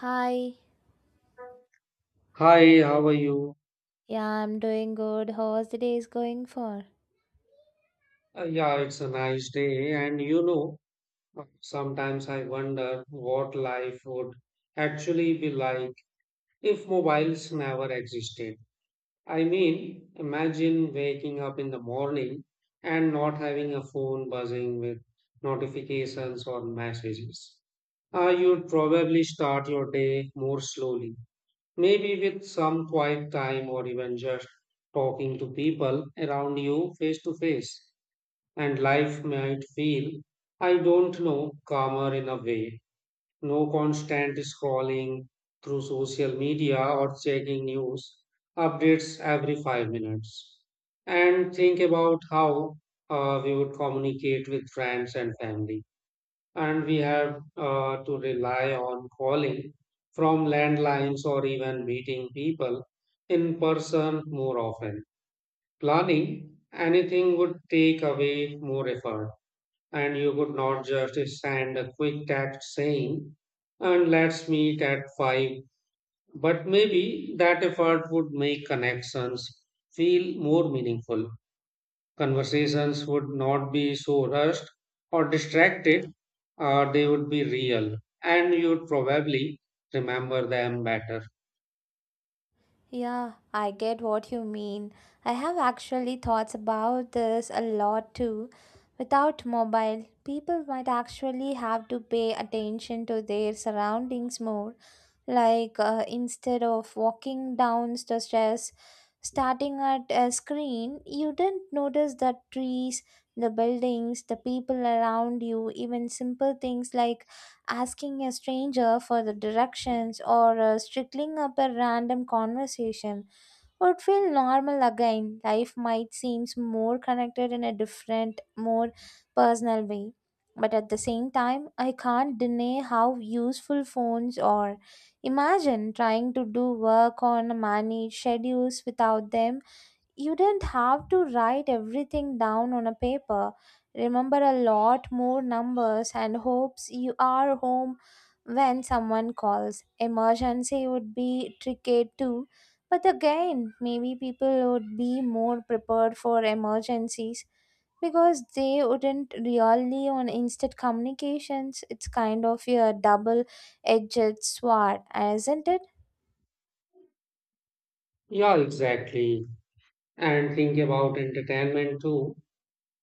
Hi. Hi, how are you? Yeah, I'm doing good. How's the day is going for? Yeah, it's a nice day. And you know, sometimes I wonder what life would actually be like if mobiles never existed. I mean, imagine waking up in the morning and not having a phone buzzing with notifications or messages. You'd probably start your day more slowly, maybe with some quiet time or even just talking to people around you face to face. And life might feel, I don't know, calmer in a way. No constant scrolling through social media or checking news updates every 5 minutes. And think about how we would communicate with friends and family. And we have to rely on calling from landlines or even meeting people in person more often. Planning anything would take away more effort, and you could not just send a quick text saying, and let's meet at 5. But maybe that effort would make connections feel more meaningful. Conversations would not be so rushed or distracted, or they would be real, and you'd probably remember them better. Yeah, I get what you mean. I have actually thoughts about this a lot too. Without mobile, people might actually have to pay attention to their surroundings more. Like instead of walking down the stairs, starting at a screen, you didn't notice the trees, the buildings, the people around you, even simple things like asking a stranger for the directions or strickling up a random conversation would feel normal again. Life might seem more connected in a different, more personal way. But at the same time, I can't deny how useful phones are. Imagine trying to do work on managed schedules without them you didn't have to write everything down on a paper. Remember a lot more numbers and hopes you are home when someone calls. Emergency would be tricky too. But again, maybe people would be more prepared for emergencies because they wouldn't rely on instant communications. It's kind of a double edged sword, isn't it? Yeah, exactly. And think about entertainment too.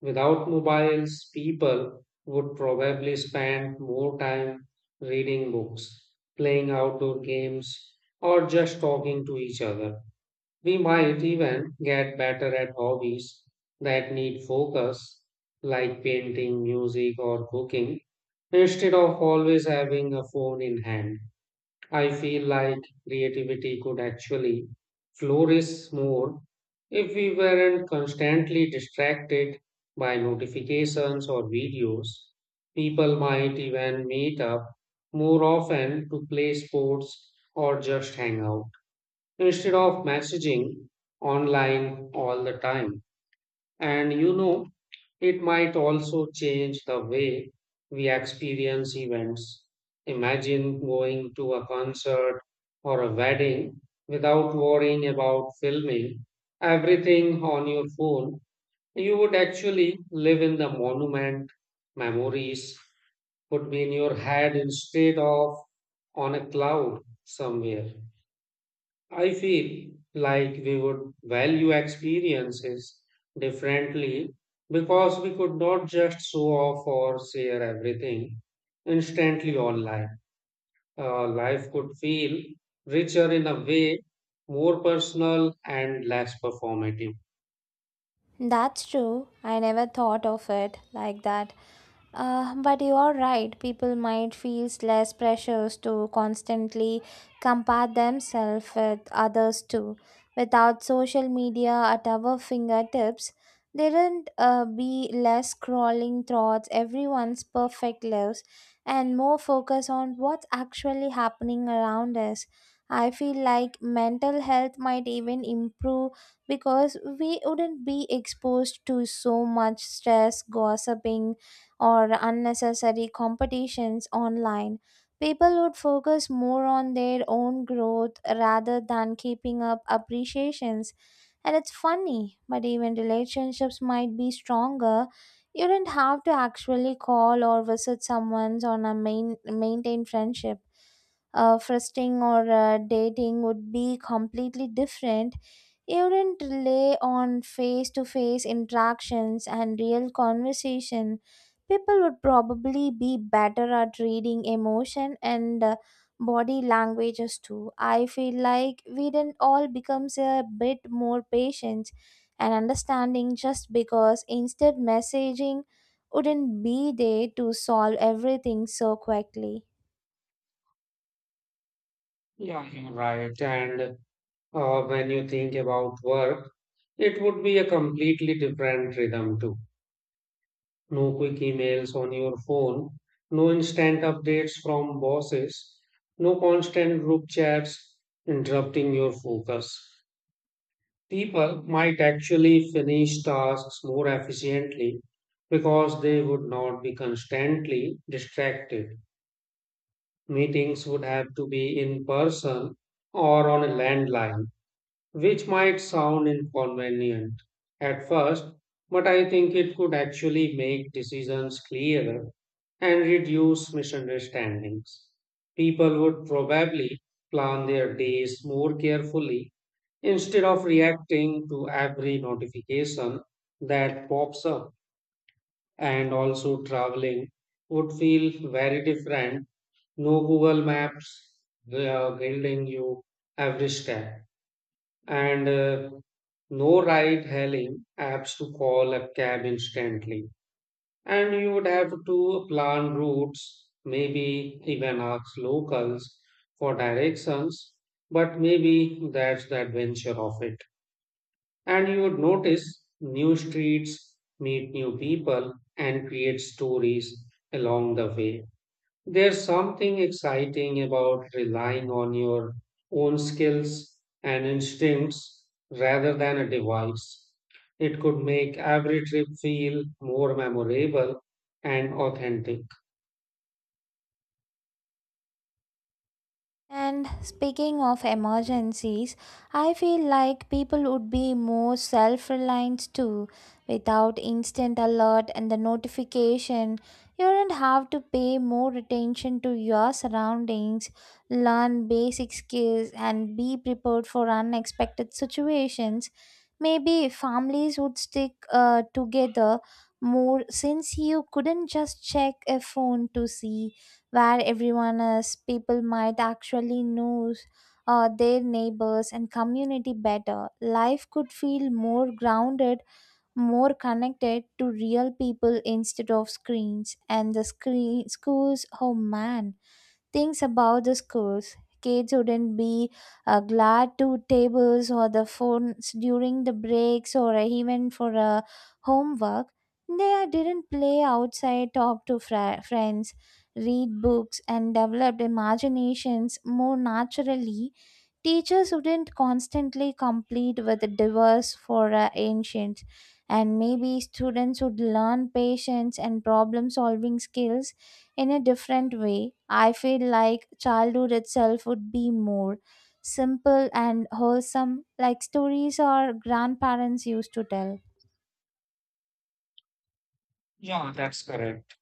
Without mobiles, people would probably spend more time reading books, playing outdoor games, or just talking to each other. We might even get better at hobbies that need focus, like painting, music, or cooking, instead of always having a phone in hand. I feel like creativity could actually flourish more if we weren't constantly distracted by notifications or videos. People might even meet up more often to play sports or just hang out instead of messaging online all the time. And you know, it might also change the way we experience events. Imagine going to a concert or a wedding without worrying about filming everything on your phone. You would actually live in the monument. Memories would be in your head instead of on a cloud somewhere. I feel like we would value experiences differently because we could not just show off or share everything instantly online. Life could feel richer in a way, more personal and less performative. That's true. I never thought of it like that. But you are right, people might feel less pressures to constantly compare themselves with others too. Without social media at our fingertips, there would be less scrolling thoughts, everyone's perfect lives, and more focus on what's actually happening around us. I feel like mental health might even improve because we wouldn't be exposed to so much stress, gossiping, or unnecessary competitions online, people would focus more on their own growth rather than keeping up appreciations. And it's funny, but even relationships might be stronger. You don't have to actually call or visit someone on a main, maintain friendship frosting or dating would be completely different. You wouldn't rely on face to face interactions and real conversation. People would probably be better at reading emotion and body languages too. I feel like we didn't all becomes a bit more patient and understanding just because instead messaging wouldn't be there to solve everything so quickly. Yeah, you're right. And when you think about work, it would be a completely different rhythm too. No quick emails on your phone, no instant updates from bosses, no constant group chats interrupting your focus. People might actually finish tasks more efficiently because they would not be constantly distracted. Meetings would have to be in person or on a landline, which might sound inconvenient at first, but I think it could actually make decisions clearer and reduce misunderstandings. People would probably plan their days more carefully instead of reacting to every notification that pops up, and also traveling would feel very different. No Google Maps guiding you every step, and no ride hailing apps to call a cab instantly. And you would have to plan routes, maybe even ask locals for directions, but maybe that's the adventure of it. And you would notice new streets, meet new people, and create stories along the way. There's something exciting about relying on your own skills and instincts rather than a device. It could make every trip feel more memorable and authentic. And speaking of emergencies, I feel like people would be more self reliant too. Without instant alert and the notification, you don't have to pay more attention to your surroundings, learn basic skills, and be prepared for unexpected situations. Maybe families would stick together more since you couldn't just check a phone to see where everyone is, people might actually know their neighbors and community better. Life could feel more grounded, more connected to real people instead of screens. And the screen schools, oh man, things about the schools. Kids wouldn't be glad to tables or the phones during the breaks or even for homework. They didn't play outside, talk to friends, read books, and developed imaginations more naturally. Teachers wouldn't constantly complete with diverse for ancient, and maybe students would learn patience and problem solving skills in a different way. I feel like childhood itself would be more simple and wholesome, like stories our grandparents used to tell. Yeah, that's correct.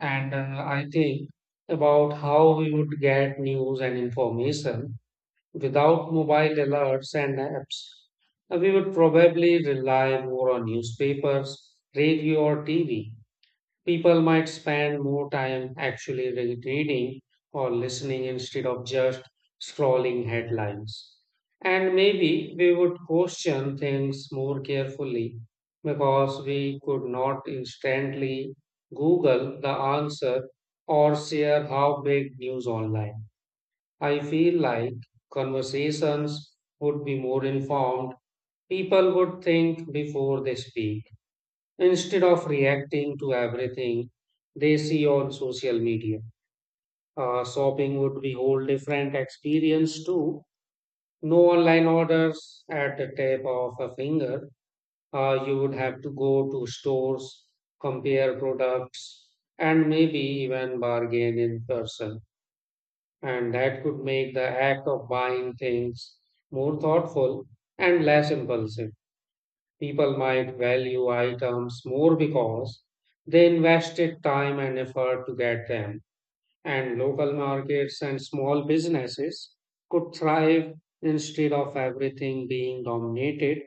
And I think about how we would get news and information without mobile alerts and apps. We would probably rely more on newspapers, radio, or TV. People might spend more time actually reading or listening instead of just scrolling headlines. And maybe we would question things more carefully because we could not instantly Google the answer or share how big news online. I feel like conversations would be more informed. People would think before they speak. Instead of reacting to everything they see on social media, shopping would be whole different experience too. No online orders at the tip of a finger. You would have to go to stores, compare products, and maybe even bargain in person. And that could make the act of buying things more thoughtful and less impulsive. People might value items more because they invested time and effort to get them, and local markets and small businesses could thrive instead of everything being dominated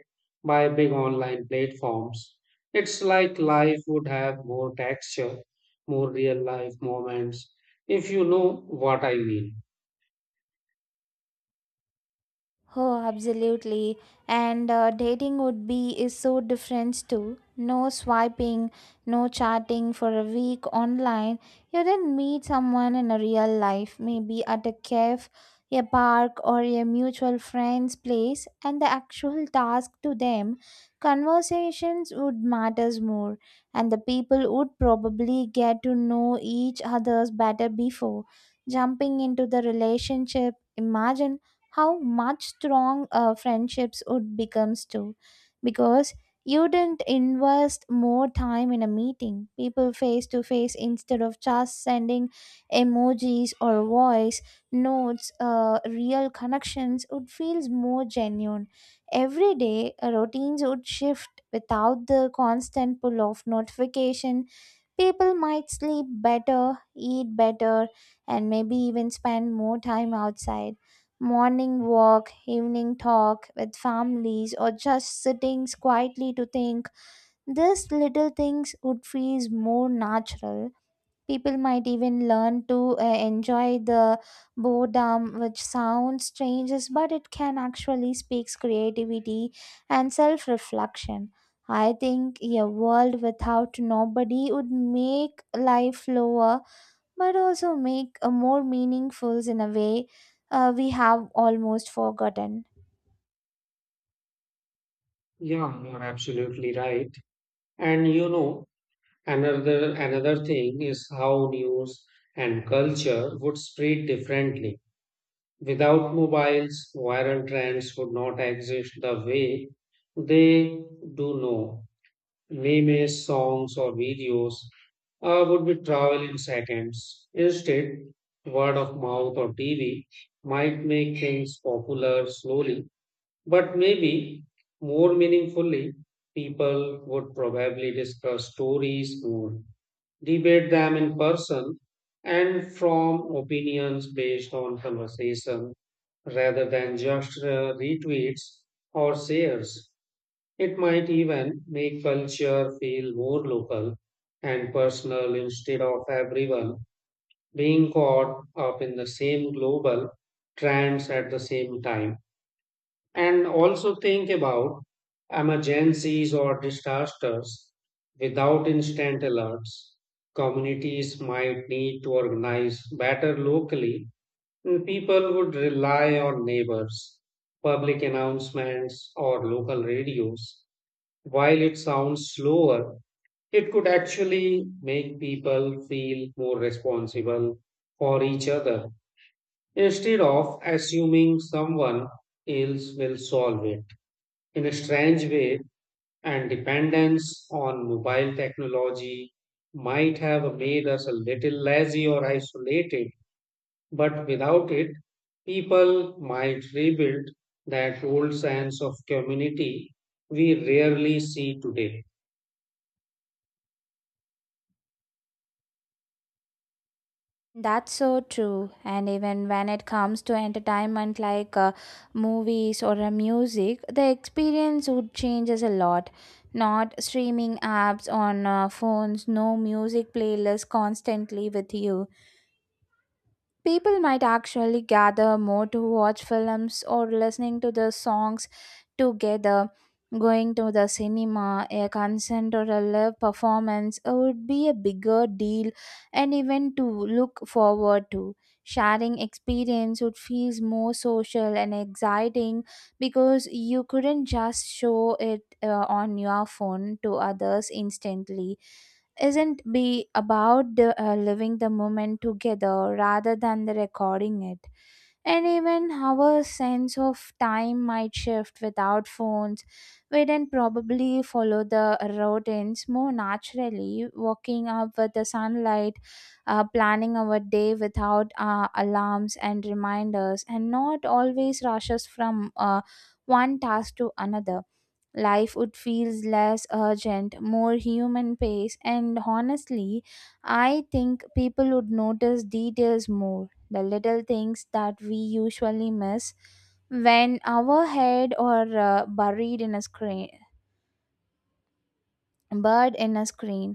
by big online platforms. It's like life would have more texture, more real life moments, if you know what I mean. Oh, absolutely. And dating would be is so different too. No swiping, no chatting for a week online. You then meet someone in a real life, maybe at a cafe, a park, or a mutual friend's place, and the actual task to them, conversations would matters more, and the people would probably get to know each other's better before jumping into the relationship. Imagine how much strong friendships would becomes too because you didn't invest more time in a meeting people face to face instead of just sending emojis or voice notes. Real connections would feels more genuine every day. Routines would shift without the constant pull of notifications. People might sleep better, eat better, and maybe even spend more time outside. Morning walk, evening talk with families, or just sitting quietly to think. These little things would feel more natural. People might even learn to enjoy the boredom, which sounds strange, but it can actually speaks creativity and self-reflection. I think a world without nobody would make life slower, but also make a more meaningful in a way we have almost forgotten. Yeah, you're absolutely right. And you know, another thing is how news and culture would spread differently. Without mobiles, viral trends would not exist the way they do now. Memes, songs, or videos would be travel in seconds. Instead, word of mouth or TV might make things popular slowly, but maybe more meaningfully. People would probably discuss stories more, debate them in person, and form opinions based on conversation rather than just retweets or shares. It might even make culture feel more local and personal instead of everyone being caught up in the same global trends at the same time. And also think about emergencies or disasters without instant alerts. Communities might need to organize better locally, and people would rely on neighbors, public announcements, or local radios. While it sounds slower, it could actually make people feel more responsible for each other instead of assuming someone else will solve it. In a strange way, and dependence on mobile technology might have made us a little lazy or isolated, but without it, people might rebuild that old sense of community we rarely see today. That's so true. And even when it comes to entertainment like movies or music, the experience would changes a lot. Not streaming apps on phones, no music playlist constantly with you. People might actually gather more to watch films or listening to the songs together. Going to the cinema, a concert, or a live performance would be a bigger deal and event to look forward to. Sharing experience would feel more social and exciting because you couldn't just show it on your phone to others instantly. Isn't be about living the moment together rather than the recording it. And even our sense of time might shift without phones, we then probably follow the routines more naturally, waking up with the sunlight, planning our day without alarms and reminders, and not always rushes from one task to another. Life would feel less urgent, more human pace, and honestly, I think people would notice details more, the little things that we usually miss when our head are buried in a screen, buried in a screen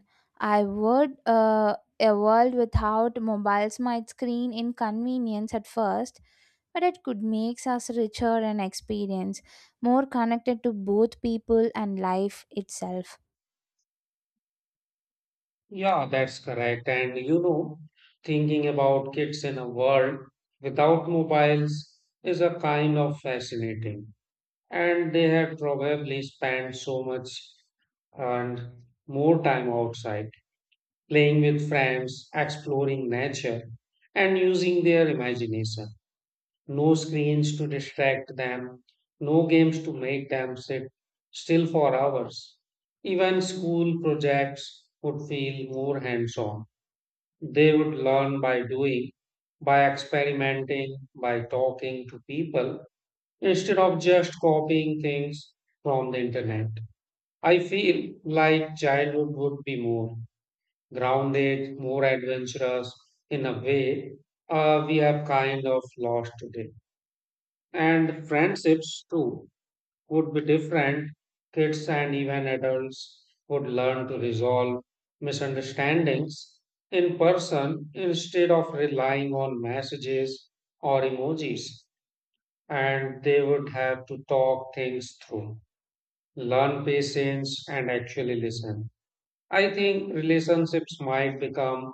I would a world without mobiles might screen inconvenience at first, but it could make us richer and experience more connected to both people and life itself. Yeah, that's correct. And you know, thinking about kids in a world without mobiles is a kind of fascinating, and they had probably spent so much and more time outside, playing with friends, exploring nature, and using their imagination. No screens to distract them, no games to make them sit still for hours. Even school projects would feel more hands on. They would learn by doing, by experimenting, by talking to people instead of just copying things from the internet. I feel like childhood would be more grounded, more adventurous in a way we have kind of lost today. And friendships too would be different. Kids and even adults would learn to resolve misunderstandings in person instead of relying on messages or emojis, and they would have to talk things through, learn patience and actually listen. I think relationships might become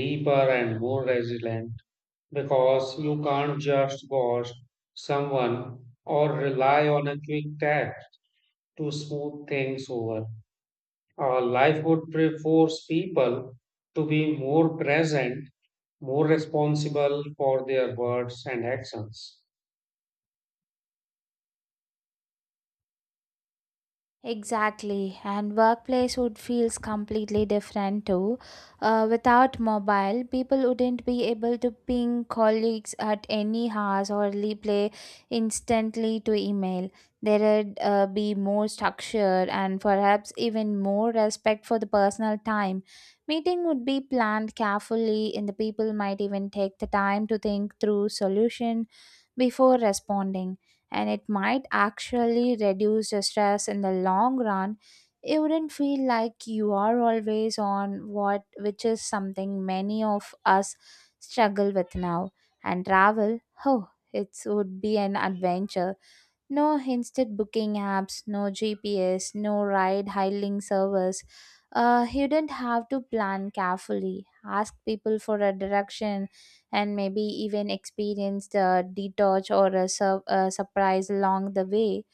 deeper and more resilient because you can't just ghost someone or rely on a quick text to smooth things over. Our life would force people to be more present, more responsible for their words and actions. Exactly, and workplace would feels completely different too. Without mobile, people wouldn't be able to ping colleagues at any hours or reply instantly to email. There would be more structure and perhaps even more respect for the personal time. Meeting would be planned carefully, and the people might even take the time to think through solution before responding, and it might actually reduce the stress in the long run. You wouldn't feel like you are always on what, which is something many of us struggle with now. And travel, oh, it would be an adventure. No instant booking apps, no GPS, no ride hailing service. You don't have to plan carefully, ask people for a direction, and maybe even experience the detour or a surprise along the way.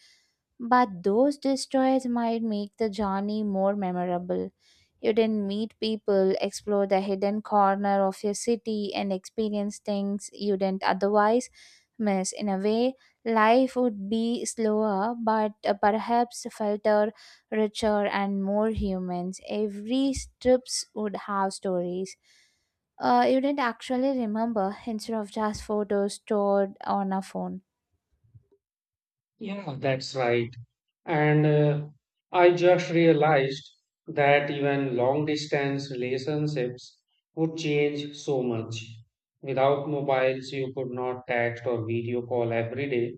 But those destroyers might make the journey more memorable. You then meet people, explore the hidden corner of your city, and experience things you didn't otherwise miss. In a way, life would be slower, but perhaps felter, richer, and more humans. Every strips would have stories. You didn't actually remember instead of just photos stored on a phone. Yeah, that's right. And I just realized that even long distance relationships would change so much. Without mobiles, you could not text or video call every day.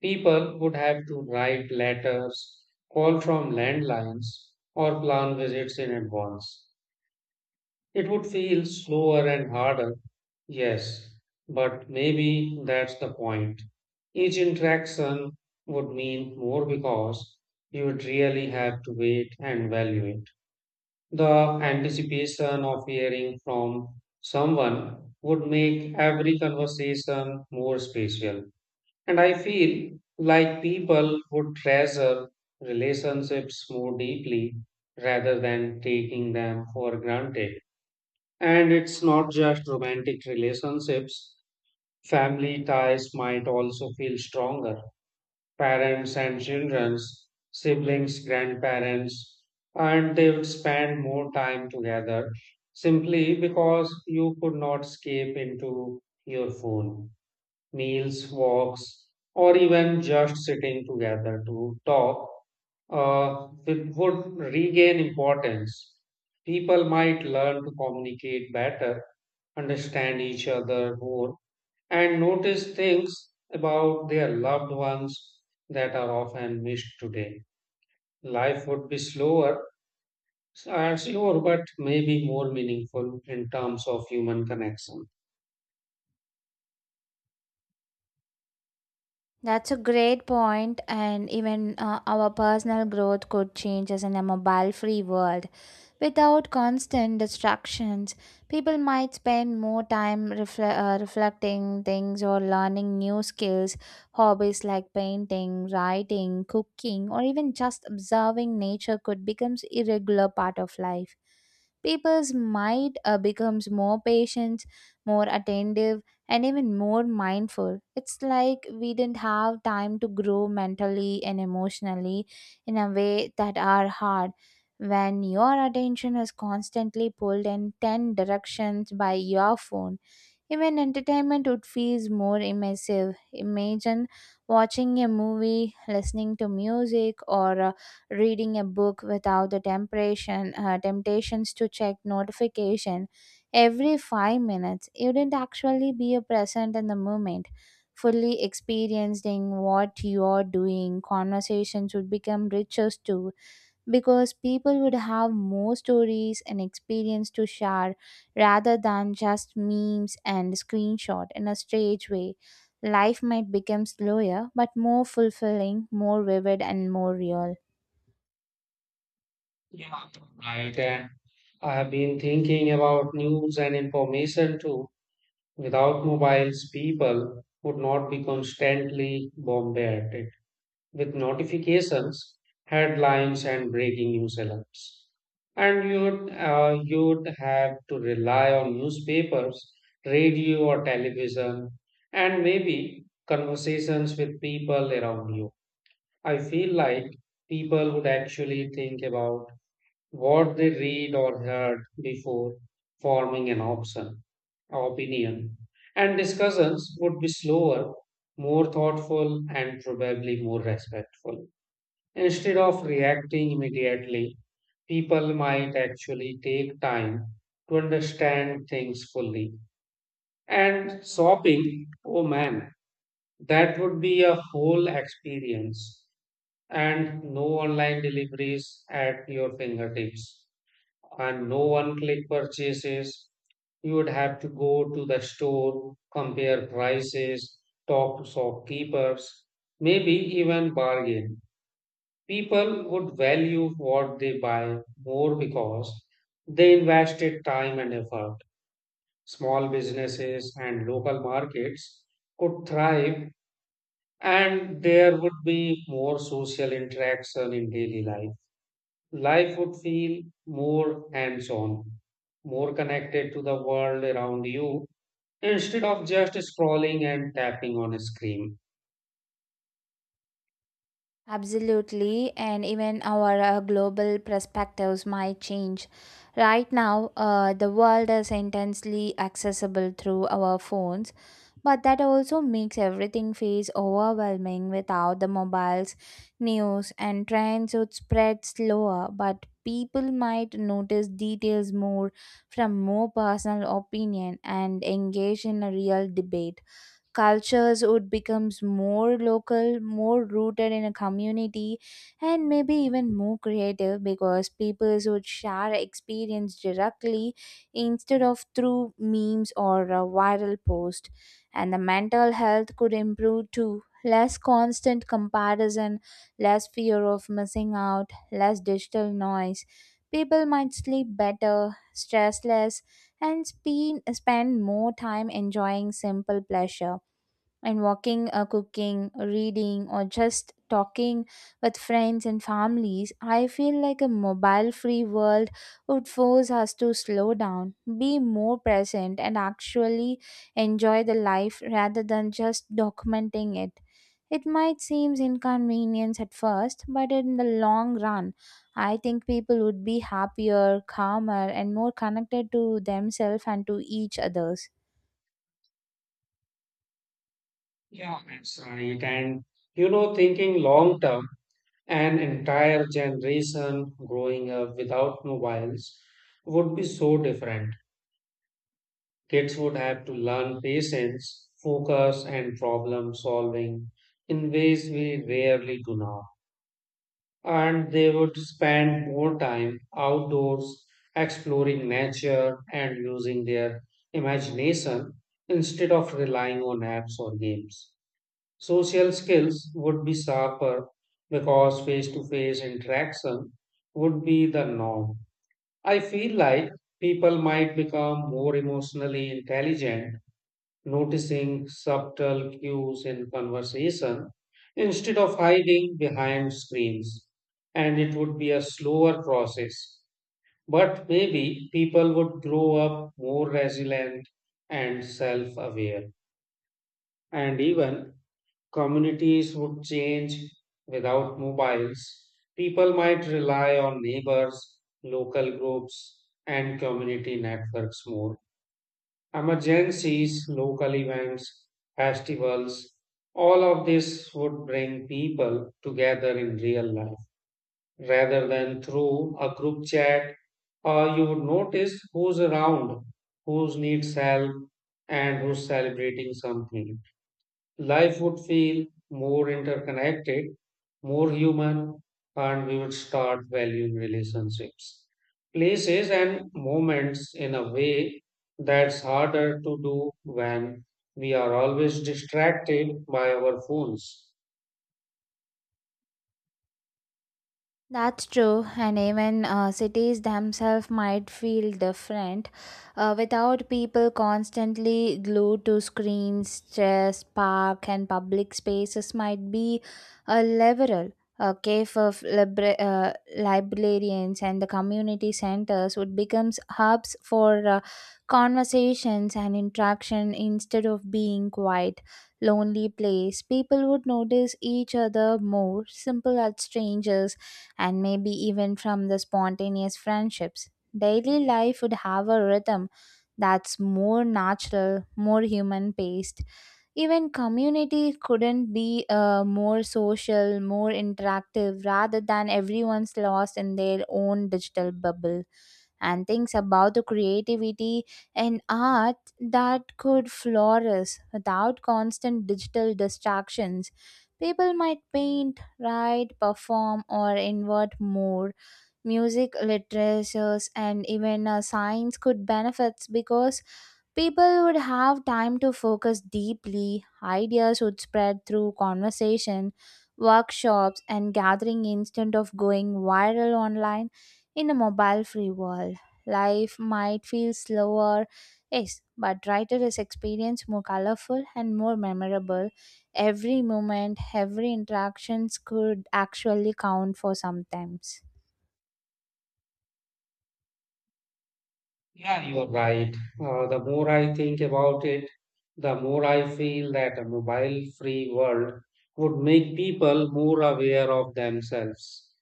People would have to write letters, call from landlines, or plan visits in advance. It would feel slower and harder, yes, but maybe that's the point. Each interaction would mean more because you would really have to wait and value it. The anticipation of hearing from someone would make every conversation more special. And I feel like people would treasure relationships more deeply rather than taking them for granted. And it's not just romantic relationships, family ties might also feel stronger. Parents and children, siblings, grandparents, and they would spend more time together simply because you could not escape into your phone. Meals, walks, or even just sitting together to talk would regain importance. People might learn to communicate better, understand each other more, and notice things about their loved ones that are often missed today. Life would be slower, slower, but maybe more meaningful in terms of human connection. That's a great point, and even our personal growth could change us in a mobile free world. Without constant distractions, people might spend more time reflecting things or learning new skills, hobbies like painting, writing, cooking, or even just observing nature could become a regular part of life. People's mind becomes more patient, more attentive, and even more mindful. It's like we didn't have time to grow mentally and emotionally in a way that are hard. When your attention is constantly pulled in 10 directions by your phone, even entertainment would feel more immersive. Imagine watching a movie, listening to music, or reading a book without temptations to check notification every 5 minutes. You didn't actually be a present in the moment, fully experiencing what you are doing. Conversations would become richer too because people would have more stories and experience to share rather than just memes and screenshot in a strange way. Life might become slower, but more fulfilling, more vivid, and more real. Yeah, right. And I have been thinking about news and information too. Without mobiles, people would not be constantly bombarded with notifications, headlines, and breaking news alerts. And you'd have to rely on newspapers, radio, or television, and maybe conversations with people around you. I feel like people would actually think about what they read or heard before forming an option, opinion, and discussions would be slower, more thoughtful, and probably more respectful. Instead of reacting immediately, people might actually take time to understand things fully. And shopping, oh man, that would be a whole experience. And no online deliveries at your fingertips, and no one click purchases. You would have to go to the store, compare prices, talk to shopkeepers, maybe even bargain. People would value what they buy more because they invested time and effort. Small businesses and local markets could thrive, and there would be more social interaction in daily life. Life would feel more hands on, more connected to the world around you instead of just scrolling and tapping on a screen. Absolutely, and even our global perspectives might change. Right now, the world is intensely accessible through our phones. But that also makes everything feels overwhelming without the mobiles, news, and trends would spread slower, but people might notice details more, from more personal opinion and engage in a real debate. Cultures would becomes more local, more rooted in a community, and maybe even more creative because peoples would share experience directly instead of through memes or a viral post. And the mental health could improve too, less constant comparison, less fear of missing out, less digital noise. People might sleep better, stress less, and spend more time enjoying simple pleasure, and walking or cooking or reading or just talking with friends and families. I feel like a mobile free world would force us to slow down, be more present, and actually enjoy the life rather than just documenting it. It might seem inconvenience at first, but in the long run, I think people would be happier, calmer, and more connected to themselves and to each others. Yeah, that's right. And you know, thinking long term, an entire generation growing up without mobiles would be so different. Kids would have to learn patience, focus, and problem solving in ways we rarely do now. And they would spend more time outdoors, exploring nature, and using their imagination instead of relying on apps or games. Social skills would be sharper because face to face interaction would be the norm. I feel like people might become more emotionally intelligent, noticing subtle cues in conversation instead of hiding behind screens. And it would be a slower process. But maybe people would grow up more resilient and self aware. And even communities would change without mobiles. People might rely on neighbors, local groups, and community networks more. Emergencies, local events, festivals, all of this would bring people together in real life rather than through a group chat. You would notice who's around, who needs help, and who's celebrating something. Life would feel more interconnected, more human, and we would start valuing relationships, places, and moments in a way that's harder to do when we are always distracted by our phones. That's true, and even cities themselves might feel different. Without people constantly glued to screens, chairs, park, and public spaces might be a liberal. A cave of librarians and the community centers would become hubs for conversations and interaction instead of being quiet, lonely place. People would notice each other more, simple as strangers, and maybe even from the spontaneous friendships. Daily life would have a rhythm that's more natural, more human paced, even community couldn't be more social, more interactive, rather than everyone's lost in their own digital bubble. And things about the creativity and art that could flourish without constant digital distractions. People might paint, write, perform, or invert more music, literatures, and even science could benefit because people would have time to focus deeply. Ideas would spread through conversation, workshops, and gathering instead of going viral online in a mobile free world. Life might feel slower, yes, but writer is experience more colorful and more memorable. Every moment, every interactions could actually count for sometimes. Yeah, you are right. The more I think about it, the more I feel that a mobile free world would make people more aware of themselves.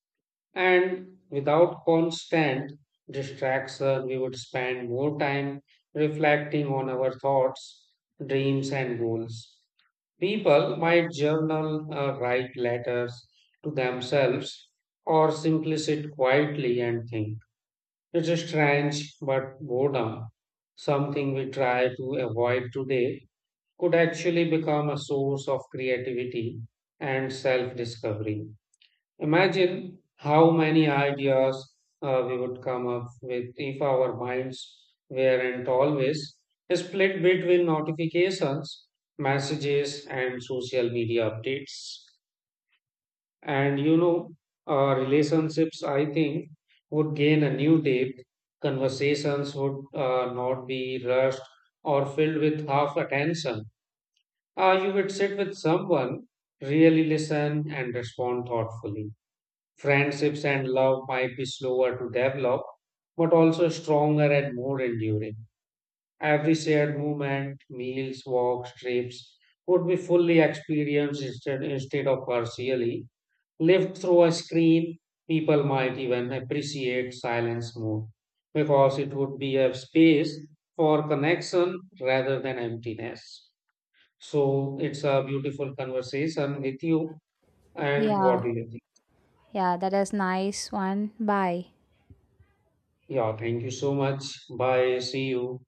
And without constant distraction, we would spend more time reflecting on our thoughts, dreams, and goals. People might journal, write letters to themselves, or simply sit quietly and think. It's strange, but boredom, something we try to avoid today, could actually become a source of creativity and self discovery. Imagine how many ideas we would come up with if our minds weren't always split between notifications, messages, and social media updates. And you know, relationships, I think, would gain a new depth. Conversations would not be rushed or filled with half attention. You would sit with someone, really listen, and respond thoughtfully. Friendships and love might be slower to develop, but also stronger and more enduring. Every shared moment, meals, walks, trips would be fully experienced instead of partially. Lived through a screen, people might even appreciate silence more because it would be a space for connection rather than emptiness. So it's a beautiful conversation with you. And what Yeah, do you think? yeah, that is nice one. Bye. Yeah, thank you so much. Bye. See you.